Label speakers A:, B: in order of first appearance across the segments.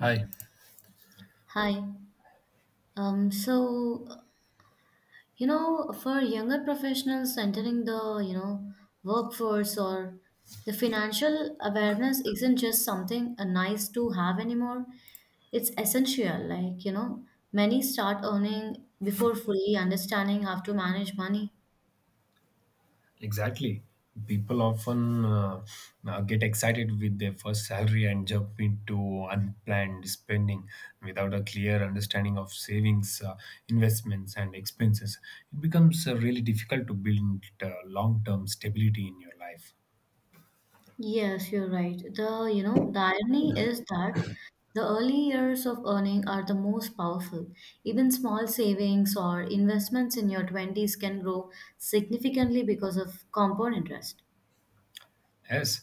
A: Hi.
B: Hi. So, for younger professionals entering the workforce, or the financial awareness isn't just something a nice to have anymore. It's essential. Like, many start earning before fully understanding how to manage money.
A: Exactly. People often get excited with their first salary and jump into unplanned spending without a clear understanding of savings, investments, and expenses. It becomes really difficult to build long term stability in your life.
B: Yes, you're right. The irony is that the early years of earning are the most powerful. Even small savings or investments in your 20s can grow significantly because of compound interest.
A: Yes,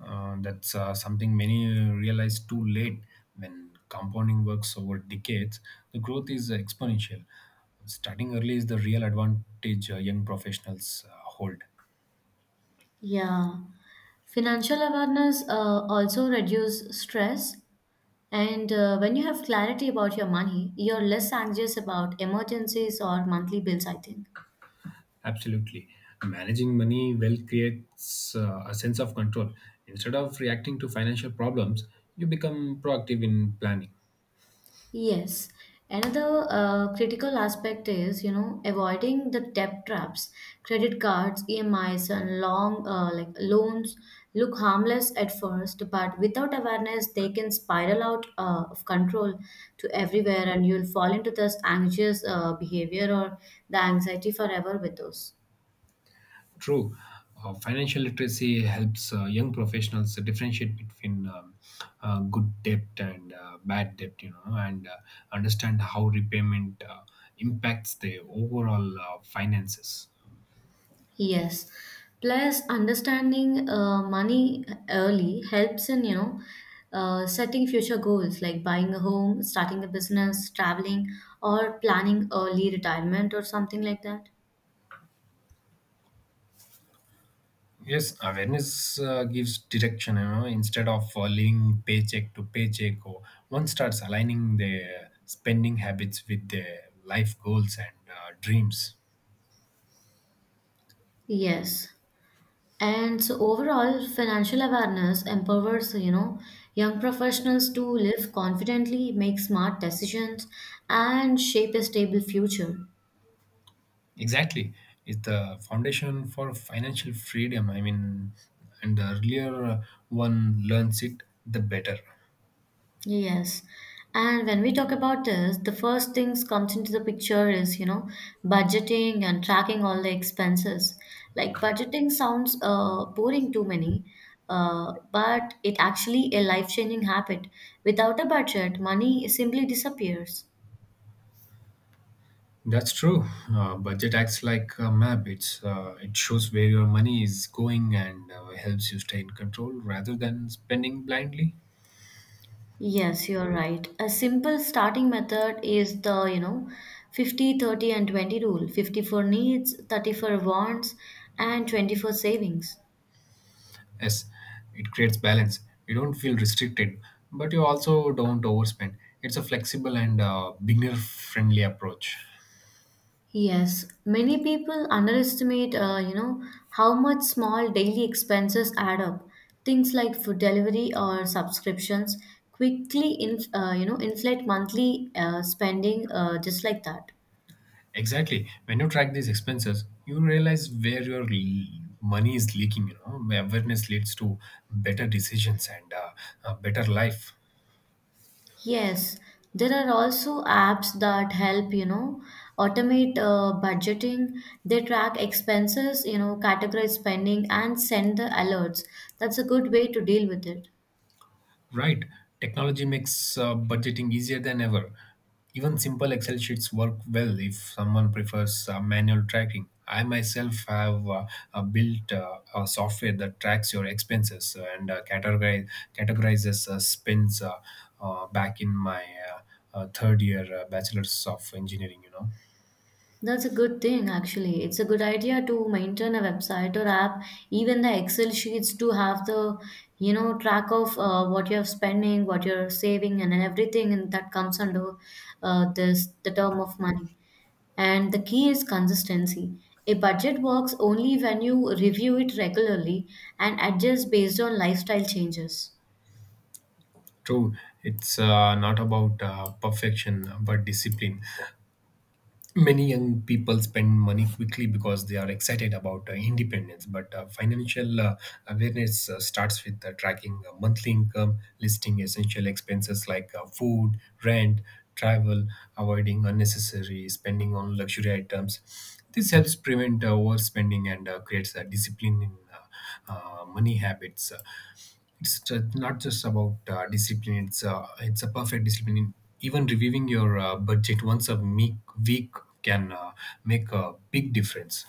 A: that's something many realize too late. When compounding works over decades, the growth is exponential. Starting early is the real advantage young professionals hold.
B: Yeah. Financial awareness also reduces stress. And when you have clarity about your money, you're less anxious about emergencies or monthly bills, I think.
A: Absolutely. Managing money well creates a sense of control. Instead of reacting to financial problems, you become proactive in planning.
B: Yes. Another critical aspect is, avoiding the debt traps. Credit cards, EMIs, and long like loans look harmless at first, but without awareness, they can spiral out of control to everywhere, and you'll fall into this anxious behavior or the anxiety forever with those.
A: True. Financial literacy helps young professionals differentiate between good debt and bad debt, you know, and understand how repayment impacts their overall finances.
B: Yes. Plus, understanding money early helps in, setting future goals like buying a home, starting a business, traveling, or planning early retirement or something like that.
A: Yes, awareness gives direction, you know, instead of living paycheck to paycheck, or one starts aligning their spending habits with their life goals and dreams.
B: Yes. And so overall, financial awareness empowers, young professionals to live confidently, make smart decisions, and shape a stable future.
A: Exactly. It's the foundation for financial freedom. I mean, and the earlier one learns it, the better.
B: Yes. And when we talk about this, the first things comes into the picture is, budgeting and tracking all the expenses. Like budgeting sounds boring to many, but it actually a life-changing habit. Without a budget, money simply disappears.
A: That's true. Budget acts like a map. It shows where your money is going and helps you stay in control rather than spending blindly.
B: Yes, you're right. A simple starting method is the, 50/30 and 20 rule. 50 for needs, 30 for wants, and 20 for savings.
A: Yes, it creates balance. You don't feel restricted, but you also don't overspend. It's a flexible and beginner-friendly approach.
B: Yes, many people underestimate, how much small daily expenses add up. Things like food delivery or subscriptions quickly, inflate monthly spending just like that.
A: Exactly. When you track these expenses, you realize where your money is leaking. You know, where awareness leads to better decisions and a better life.
B: Yes, there are also apps that help, automate budgeting. They track expenses, categorize spending and send the alerts. That's a good way to deal with it.
A: Right. Technology makes budgeting easier than ever. Even simple Excel sheets work well if someone prefers manual tracking. I myself have built a software that tracks your expenses and categorizes spends back in my third year bachelor's of engineering, you know.
B: That's a good thing, actually. It's a good idea to maintain a website or app, even the Excel sheets to have the, track of what you're spending, what you're saving, and everything, and that comes under this the term of money. And the key is consistency. A budget works only when you review it regularly and adjust based on lifestyle changes.
A: True, it's not about perfection but discipline. Many young people spend money quickly because they are excited about independence, but financial awareness starts with tracking monthly income, listing essential expenses like food, rent, travel, avoiding unnecessary spending on luxury items. This helps prevent overspending and creates a discipline in money habits. It's not just about discipline, it's a perfect discipline. Even reviewing your budget once a week can make a big difference.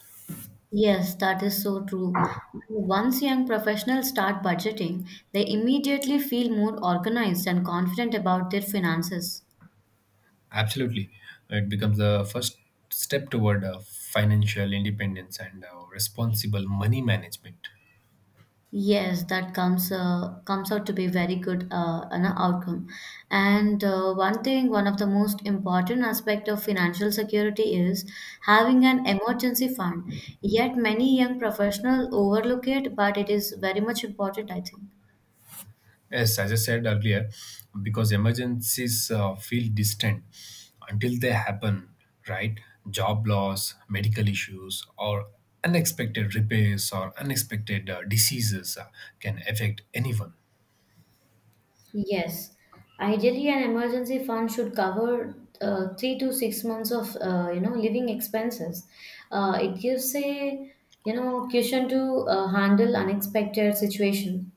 B: Yes, that is so true. Once young professionals start budgeting, they immediately feel more organized and confident about their finances.
A: Absolutely. It becomes the first step toward financial independence and responsible money management.
B: Yes, that comes out to be very good an outcome. And one of the most important aspect of financial security is having an emergency fund. Yet many young professionals overlook it, but it is very much important, I think.
A: Yes, as I said earlier, because emergencies feel distant until they happen, right? Job loss, medical issues, or unexpected repairs or unexpected diseases can affect anyone.
B: Yes, ideally, an emergency fund should cover 3 to 6 months of living expenses. It gives a cushion to handle unexpected situation.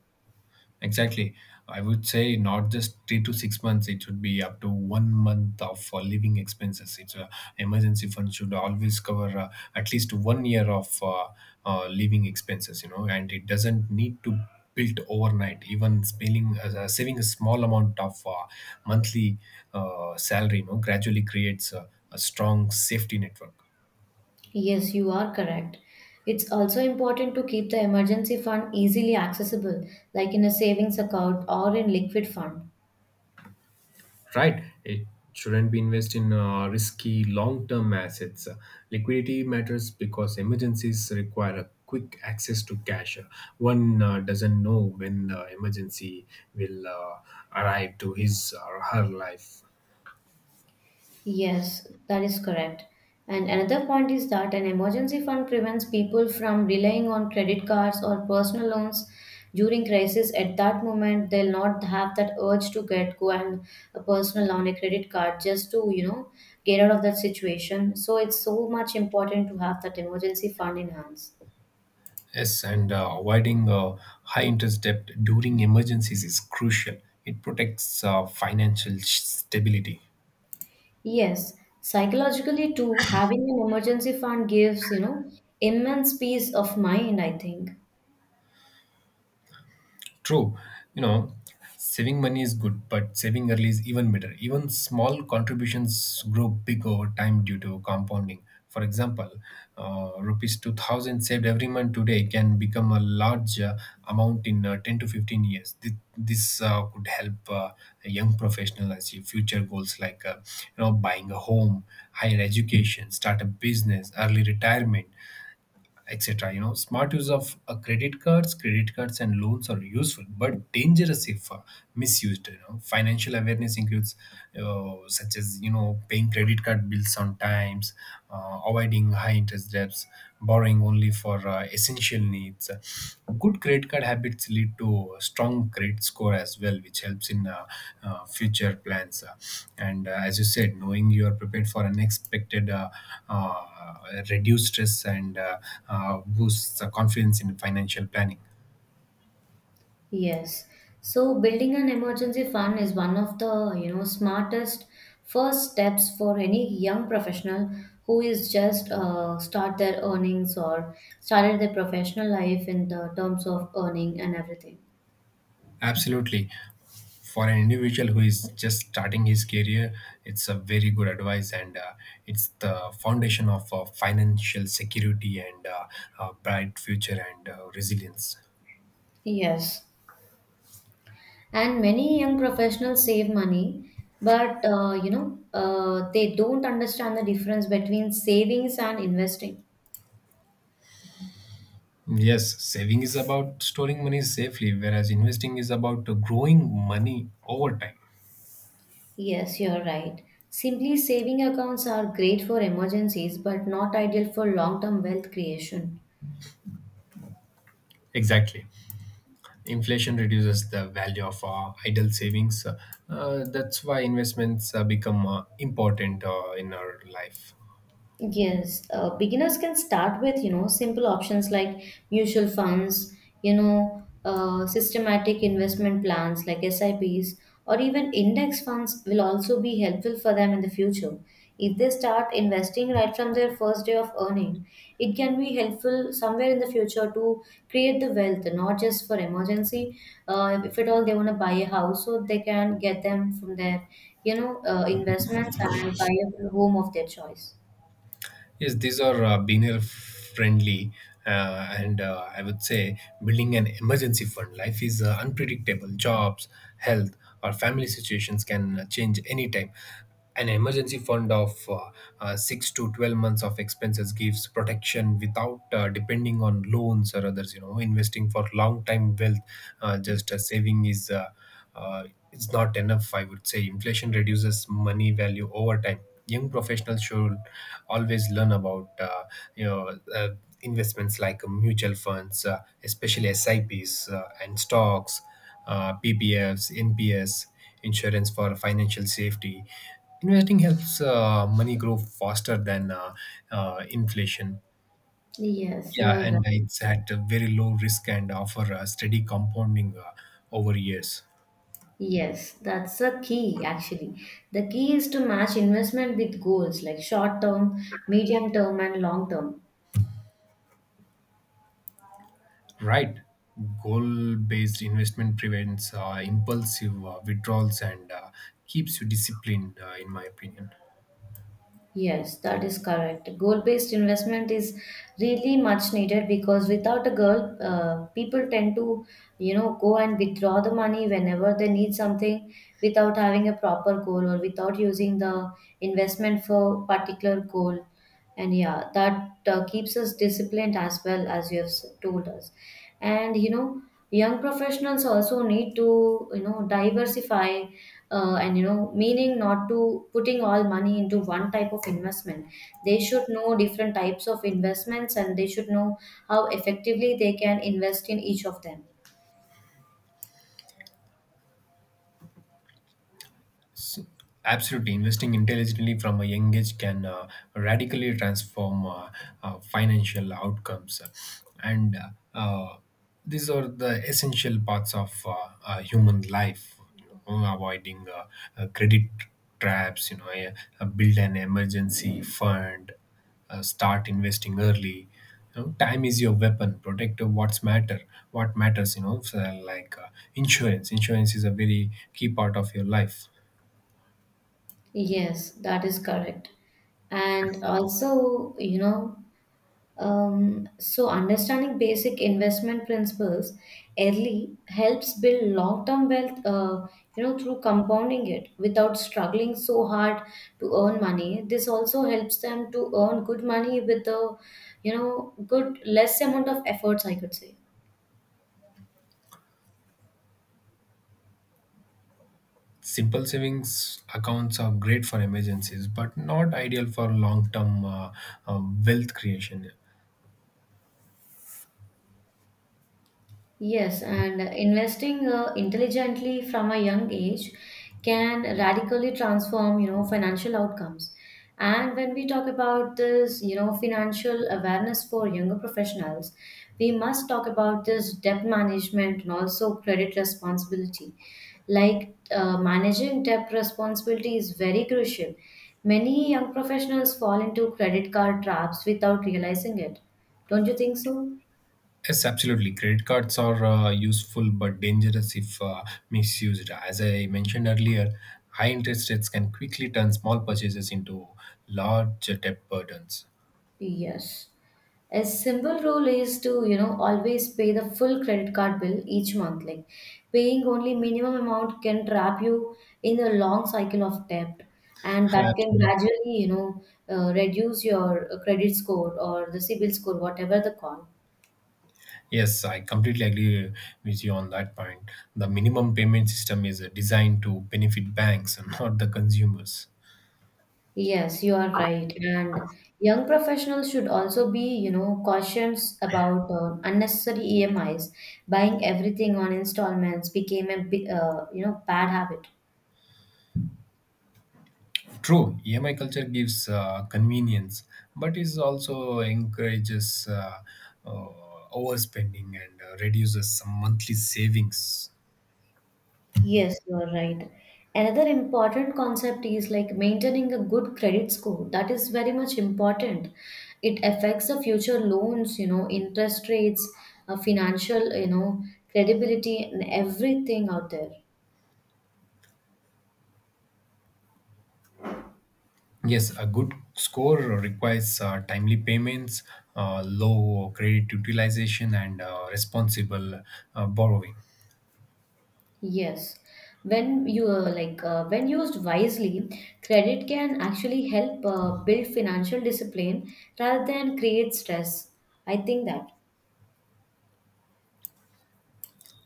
A: Exactly. I would say not just 3 to 6 months, it should be up to 1 month of living expenses. It's a Emergency fund should always cover at least 1 year of living expenses, you know, and it doesn't need to build overnight. Even spelling, saving a small amount of monthly salary, you know, gradually creates a strong safety network.
B: Yes, you are correct. It's also important to keep the emergency fund easily accessible, like in a savings account or in liquid fund.
A: Right? It shouldn't be invest in risky long-term assets. Liquidity matters because emergencies require a quick access to cash. One doesn't know when the emergency will arrive to his or her life.
B: Yes, that is correct. And another point is that an emergency fund prevents people from relying on credit cards or personal loans during crisis. At that moment, they'll not have that urge to get go and a personal loan, a credit card, just to get out of that situation. So it's so much important to have that emergency fund in hands.
A: Yes, and avoiding high interest debt during emergencies is crucial. It protects financial stability.
B: Yes, psychologically too, having an emergency fund gives immense peace of mind, I think.
A: True, you know, saving money is good, but saving early is even better. Even small contributions grow big over time due to compounding. For example, rupees 2000 saved every month today can become a large amount in 10 to 15 years. This could help a young professional achieve future goals like you know buying a home, higher education, start a business, early retirement, etc. You know, smart use of credit cards and loans are useful but dangerous if misused. You know, financial awareness includes such as you know paying credit card bills on times, avoiding high interest debts, borrowing only for essential needs. Good credit card habits lead to a strong credit score as well, which helps in future plans. And as you said, knowing you are prepared for unexpected uh, reduce stress and boosts the confidence in financial planning.
B: Yes. So building an emergency fund is one of the, smartest first steps for any young professional who is just start their earnings or started their professional life in the terms of earning and everything.
A: Absolutely. For an individual who is just starting his career, it's a very good advice and it's the foundation of financial security and a bright future and resilience.
B: Yes. And many young professionals save money, but they don't understand the difference between savings and investing.
A: Yes, saving is about storing money safely, whereas investing is about growing money over time.
B: Yes, you're right. Simply saving accounts are great for emergencies but not ideal for long term wealth creation.
A: Exactly. Inflation reduces the value of idle savings. That's why investments become important in our life.
B: Yes, beginners can start with, simple options like mutual funds, systematic investment plans like SIPs, or even index funds will also be helpful for them in the future. If they start investing right from their first day of earning, it can be helpful somewhere in the future to create the wealth, not just for emergency. If at all they want to buy a house, so they can get them from their, investments and buy a home of their choice.
A: Yes, these are beginner friendly, and I would say building an emergency fund. Life is unpredictable. Jobs, health, or family situations can change anytime. An emergency fund of 6 to 12 months of expenses gives protection without depending on loans or others. You know, investing for long time wealth, just saving is uh, it's not enough. I would say inflation reduces money value over time. Young professionals should always learn about you know uh, investments like mutual funds, especially sips, and stocks, ppfs, nps, insurance for financial safety. Investing helps money grow faster than inflation.
B: Yes,
A: Yeah,
B: you're
A: and
B: right.
A: it's at a very low risk and offer a steady compounding over years.
B: Yes, that's a key actually. The key is to match investment with goals like short term, medium term, and long term.
A: Right. Goal based investment prevents impulsive withdrawals and keeps you disciplined, in my opinion.
B: Yes, that is correct. Goal based investment is really much needed because without a goal, people tend to, go and withdraw the money whenever they need something without having a proper goal or without using the investment for particular goal. And yeah, that keeps us disciplined as well, as you have told us. And young professionals also need to diversify, and meaning not to putting all money into one type of investment. They should know different types of investments, and they should know how effectively they can invest in each of them.
A: S- Absolutely, investing intelligently from a young age can radically transform financial outcomes, and uh, these are the essential parts of human life. You know, avoiding credit traps, you know, build an emergency fund, start investing early. You know, time is your weapon. Protect what's matter. What matters, you know, so like insurance. Insurance is a very key part of your life.
B: Yes, that is correct. And also, understanding basic investment principles early helps build long-term wealth. Through compounding it without struggling so hard to earn money. This also helps them to earn good money with a good less amount of efforts, I could say.
A: Simple savings accounts are great for emergencies, but not ideal for long term wealth creation.
B: Yes, and investing intelligently from a young age can radically transform, financial outcomes. And when we talk about this, financial awareness for younger professionals, we must talk about this debt management and also credit responsibility. Like managing debt responsibility is very crucial. Many young professionals fall into credit card traps without realizing it. Don't you think so?
A: Yes, absolutely. Credit cards are useful but dangerous if misused. As I mentioned earlier, high interest rates can quickly turn small purchases into large debt burdens.
B: Yes. A simple rule is to, always pay the full credit card bill each month. Like paying only minimum amount can trap you in a long cycle of debt, and that can
A: Absolutely.
B: gradually, reduce your credit score or the CIBIL score, whatever the call.
A: Yes, I completely agree with you on that point. The minimum payment system is designed to benefit banks and not the consumers.
B: Yes, you are right. And young professionals should also be, cautious about unnecessary EMIs. Buying everything on installments became a bad habit.
A: True, EMI culture gives convenience, but it also encourages uh, overspending and reduces some monthly savings.
B: Yes, you are right. Another important concept is like maintaining a good credit score. That is very much important. It affects the future loans, interest rates, financial, credibility, and everything out there.
A: Yes, a good score requires timely payments, low credit utilization, and responsible borrowing.
B: Yes. When you are like, when used wisely, credit can actually help build financial discipline rather than create stress, I think that.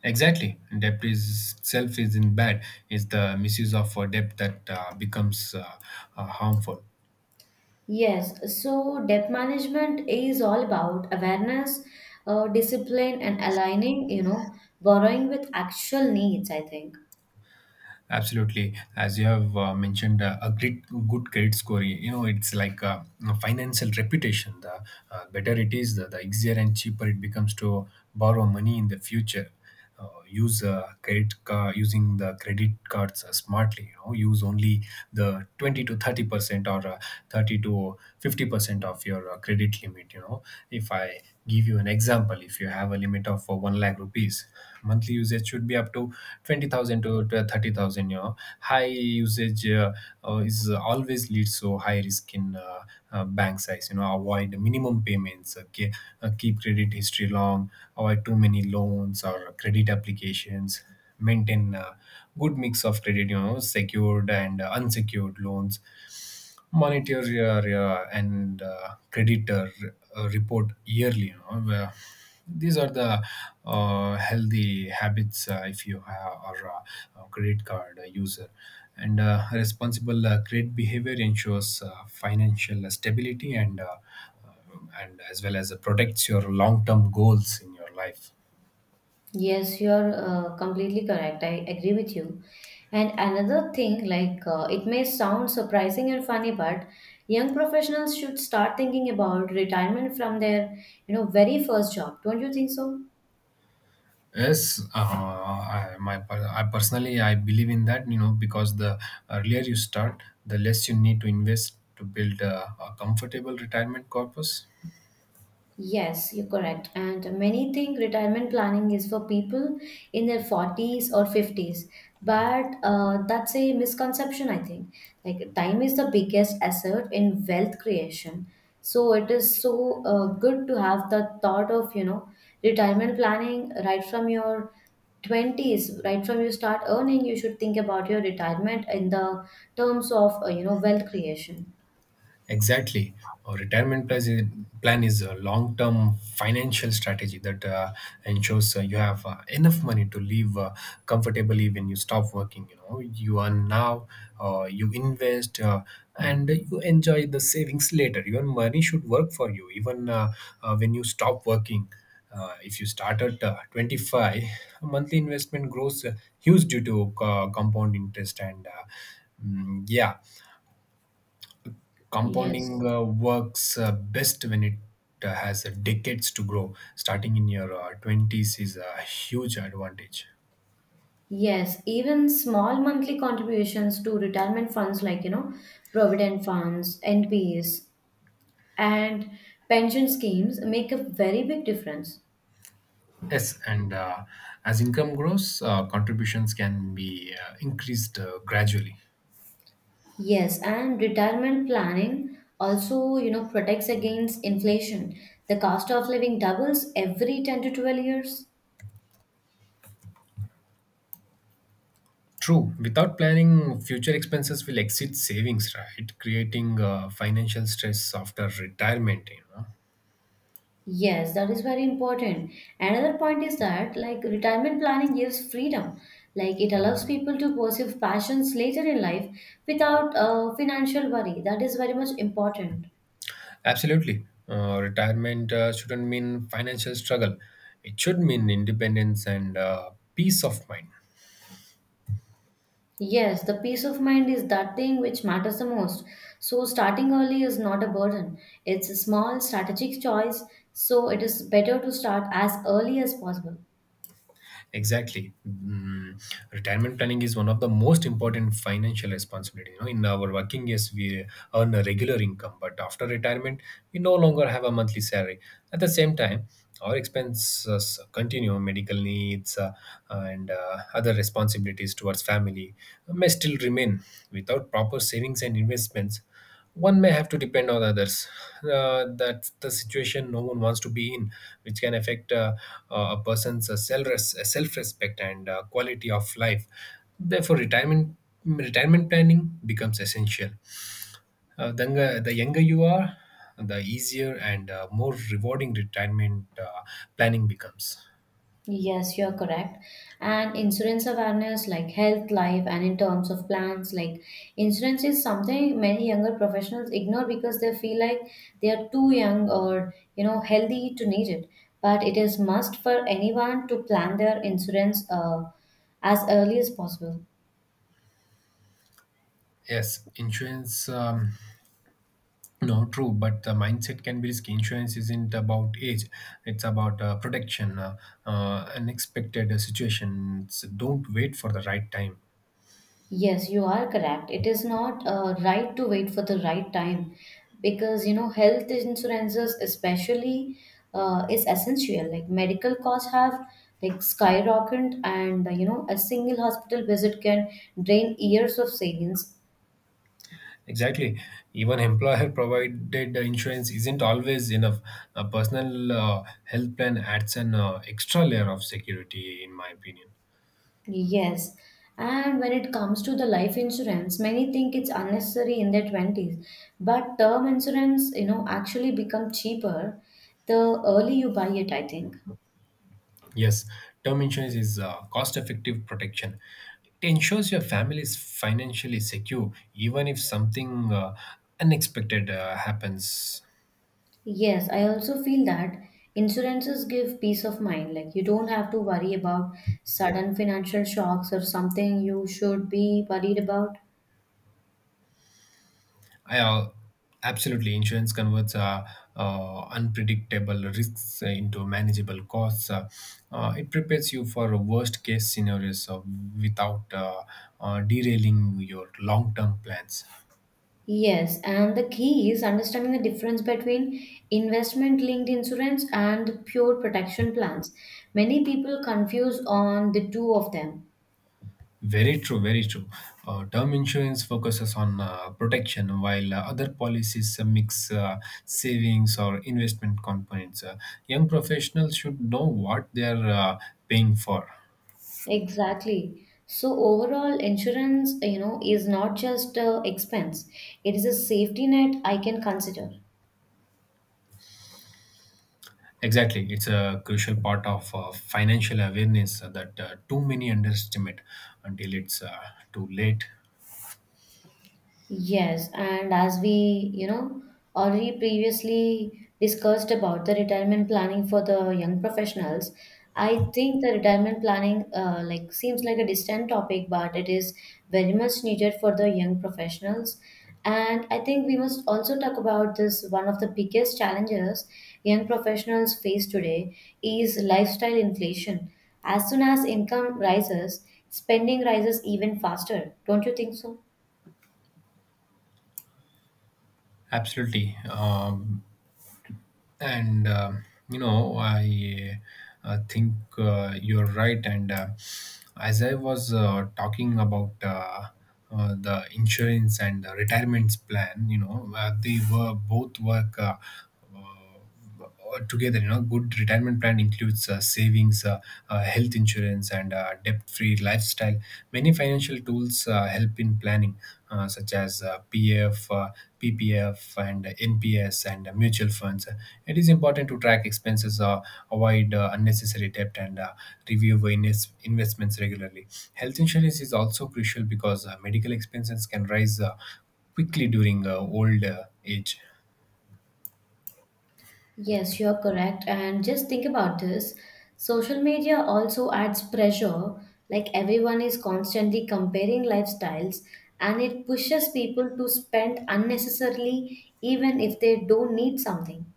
A: Exactly, debt is itself is in bad. It's the misuse of debt that becomes harmful.
B: Yes, so debt management is all about awareness, discipline, and aligning, borrowing with actual needs, I think.
A: Absolutely, as you have mentioned, a great good credit score. You know, it's like a financial reputation. The better it is, the easier and cheaper it becomes to borrow money in the future. Use credit card Using the credit cards smartly. You know, use only the 20 to 30% or 30 to 50% of your credit limit. You know, if I give you an example, if you have a limit of 1 lakh rupees, monthly usage should be up to 20,000 to 30,000. You know, high usage is always leads to high risk in bank size. You know, avoid minimum payments, okay, keep credit history long, avoid too many loans or credit applications, maintain a good mix of credit, you know, secured and unsecured loans, monitor your and creditor report yearly. You know, where these are the healthy habits if you have or a credit card user. And responsible credit behavior ensures financial stability and uh, as well as protects your long term goals in your life.
B: Yes, you're completely correct. I agree with you. And another thing, like it may sound surprising and funny, but young professionals should start thinking about retirement from their, very first job. Don't you think so?
A: Yes, I personally I believe in that. You know, because the earlier you start, the less you need to invest to build a comfortable retirement corpus.
B: Yes, you're correct. And many think retirement planning is for people in their 40s or 50s. But that's a misconception, I think. Like, time is the biggest asset in wealth creation. So, it is so good to have the thought of, retirement planning right from your 20s, right from you start earning. You should think about your retirement in the terms of, wealth creation.
A: Exactly. A retirement plan is, Plan is a long term financial strategy that ensures you have enough money to live comfortably when you stop working. You know, you earn now, you invest, and you enjoy the savings later. Your money should work for you even when you stop working. If you start at 25, a monthly investment grows huge due to compound interest and yeah.
B: Yes.
A: Compounding works best when it has decades to grow. Starting in your 20s is a huge advantage.
B: Yes, even small monthly contributions to retirement funds like, provident funds, NPS, and pension schemes make a very big difference.
A: Yes, and as income grows, contributions can be increased gradually.
B: Yes, and retirement planning also, protects against inflation. The cost of living doubles every 10 to 12 years.
A: True. Without planning, future expenses will exceed savings, right? Creating financial stress after retirement. You know,
B: Yes, that is very important. Another point is that, like, retirement planning gives freedom. Like, it allows people to pursue passions later in life without financial worry. That is very much important.
A: absolutely. Retirement shouldn't mean financial struggle. It should mean independence and peace of mind.
B: Yes, the peace of mind is that thing which matters the most. So, starting early is not a burden, it's a small strategic choice. So, it is better to start as early as possible.
A: Exactly. Retirement planning is one of the most important financial responsibility. You know, in our working years, we earn a regular income, but after retirement, we no longer have a monthly salary. At the same time, our expenses continue, medical needs and other responsibilities towards family may still remain. Without proper savings and investments, one may have to depend on others. That's the situation no one wants to be in, which can affect a person's self respect and quality of life. Therefore, retirement planning becomes essential. The younger you are, the easier and more rewarding retirement planning becomes.
B: Yes, you're correct. And insurance awareness, like health, life, and in terms of plans, like insurance is something many younger professionals ignore because they feel like they are too young or healthy to need it. But it is must for anyone to plan their insurance as early as possible.
A: Yes, insurance. No, true, but the mindset can be risky. Insurance isn't about age; it's about protection. Unexpected situations. Don't wait for the right time.
B: Yes, you are correct. It is not right to wait for the right time because health insurances especially is essential. Like medical costs have like skyrocketed, and a single hospital visit can drain years of savings.
A: Exactly. Even employer-provided insurance isn't always enough. A personal health plan adds an extra layer of security, in my opinion.
B: Yes, and when it comes to the life insurance, many think it's unnecessary in their twenties, but term insurance actually become cheaper the early you buy it, I think.
A: Yes, term insurance is cost-effective protection. It ensures your family is financially secure, even if something unexpected happens.
B: Yes, I also feel that insurances give peace of mind. Like you don't have to worry about sudden financial shocks or something you should be worried about.
A: I Absolutely, insurance converts unpredictable risks into manageable costs. It prepares you for worst case scenarios without derailing your long term plans.
B: Yes, and the key is understanding the difference between investment linked insurance and pure protection plans. Many people confuse on the two of them.
A: Very true, very true. Term insurance focuses on protection, while other policies mix savings or investment components. Young professionals should know what they are paying for.
B: Exactly. So overall insurance, you know, is not just a expense. It is a safety net I can consider.
A: Exactly. It's a crucial part of financial awareness that too many underestimate until it's too late.
B: Yes, and as we, you know, already previously discussed about the retirement planning for the young professionals, I think the retirement planning like seems like a distant topic, but it is very much needed for the young professionals. And I think we must also talk about this one of the biggest challenges young professionals face today is lifestyle inflation. As soon as income rises, spending rises even faster. Don't you think so?
A: Absolutely. And you know I think you're right, and as I was talking about the insurance and the retirement plan. You know, they were both work together. You know, good retirement plan includes savings, health insurance, and debt free lifestyle. Many financial tools help in planning, such as PF, PPF, and NPS, and mutual funds. It is important to track expenses, avoid unnecessary debt, and review investments regularly. Health insurance is also crucial because medical expenses can rise quickly during old age.
B: Yes, you're correct. And just think about this. Social media also adds pressure, like everyone is constantly comparing lifestyles, and it pushes people to spend unnecessarily even if they don't need something.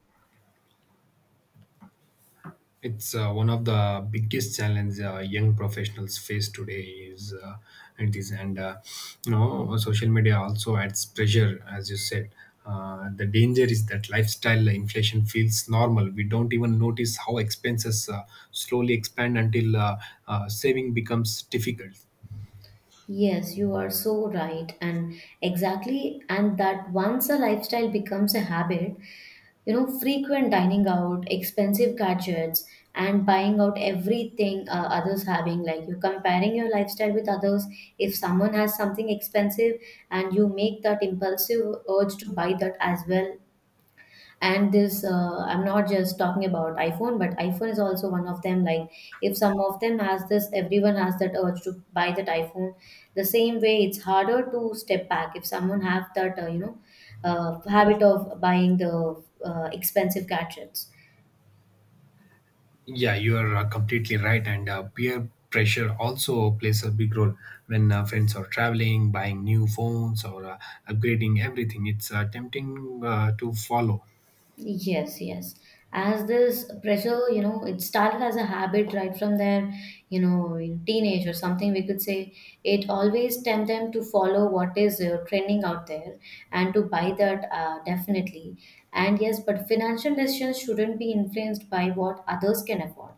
A: It's one of the biggest challenges young professionals face today is it is, and you know, social media also adds pressure, as you said. The danger is that lifestyle inflation feels normal. We don't even notice how expenses slowly expand until saving becomes difficult.
B: Yes, you are so right. And exactly, and that once a lifestyle becomes a habit, you know, frequent dining out, expensive gadgets, and buying out everything others having, like you're comparing your lifestyle with others. If someone has something expensive and you make that impulsive urge to buy that as well, and this I'm not just talking about iPhone, but iPhone is also one of them. Like if some of them has this, everyone has that urge to buy that iPhone. The same way, it's harder to step back if someone have that you know, habit of buying the expensive gadgets.
A: Yeah, you are completely right. And peer pressure also plays a big role when friends are traveling, buying new phones, or upgrading everything. It's tempting to follow.
B: Yes, yes. As this pressure, you know, it started as a habit right from their, you know, in teenage or something, we could say it always tempt them to follow what is trending out there and to buy that, definitely. And yes, but financial decisions shouldn't be influenced by what others can afford.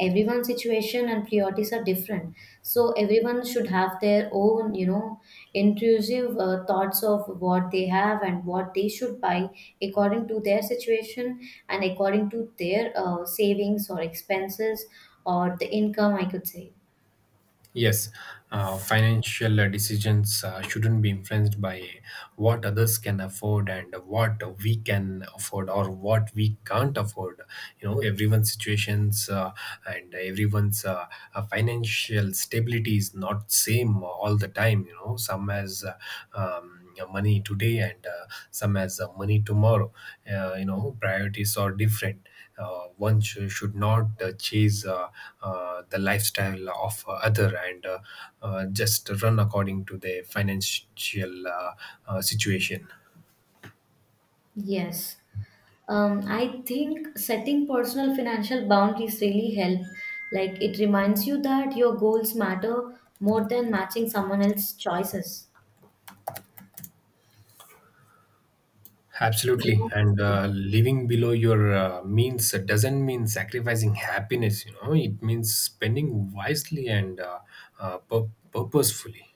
B: Everyone's situation and priorities are different. So everyone should have their own, you know, intrusive thoughts of what they have and what they should buy according to their situation and according to their savings or expenses or the income, I could say.
A: Yes, financial decisions shouldn't be influenced by what others can afford and what we can afford or what we can't afford. You know, everyone's situations and everyone's financial stability is not same all the time. You know, some has money today and some as money tomorrow. You know, priorities are different. One should not chase the lifestyle of other and just run according to their financial situation.
B: Yes. I think setting personal financial boundaries really help. Like it reminds you that your goals matter more than matching someone else's choices.
A: Absolutely, and
B: Yeah.
A: living below your means doesn't mean sacrificing happiness. You know, it means spending wisely and purposefully.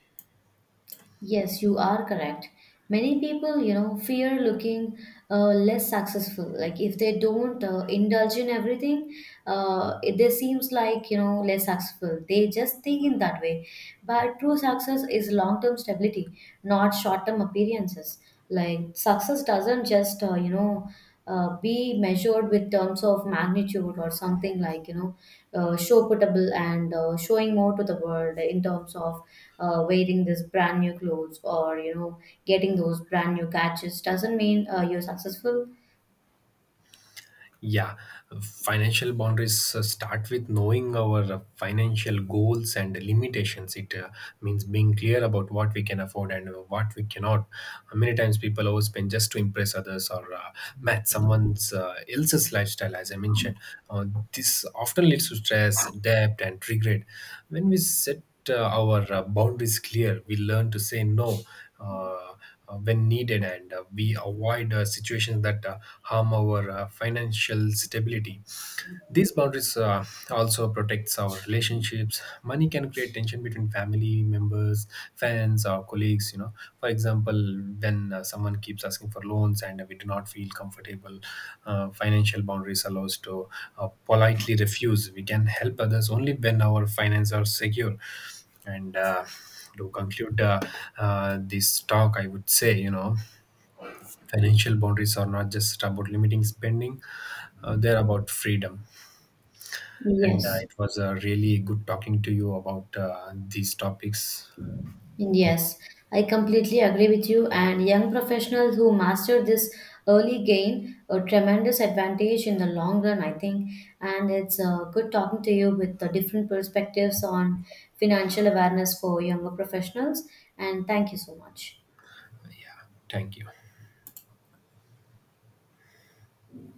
B: Yes, you are correct. Many people, you know, fear looking less successful. Like if they don't indulge in everything, they seems like, you know, less successful. They just think in that way. But true success is long-term stability, not short-term appearances. Like success doesn't just you know, be measured with terms of magnitude or something, like, you know, show putable and showing more to the world in terms of wearing this brand new clothes, or you know, getting those brand new gadgets doesn't mean you're successful.
A: Yeah, financial boundaries start with knowing our financial goals and limitations. It means being clear about what we can afford and what we cannot. Many times people overspend just to impress others or match someone's else's lifestyle, as I mentioned. Uh, this often leads to stress, debt, and regret. When we set our boundaries clear, we learn to say no. Uh, when needed, and we avoid situations that harm our financial stability. These boundaries also protects our relationships. Money can create tension between family members, fans, or colleagues. You know, for example, when someone keeps asking for loans and we do not feel comfortable, financial boundaries allows to politely refuse. We can help others only when our finances are secure. And to conclude this talk, I would say, you know, financial boundaries are not just about limiting spending; they're about freedom. And
B: Yes.
A: it was really good talking to you about these topics.
B: Yes, I completely agree with you, and young professionals who master this early gain a tremendous advantage in the long run, I think. And it's good talking to you with the different perspectives on financial awareness for younger professionals. And thank you so much.
A: Thank you.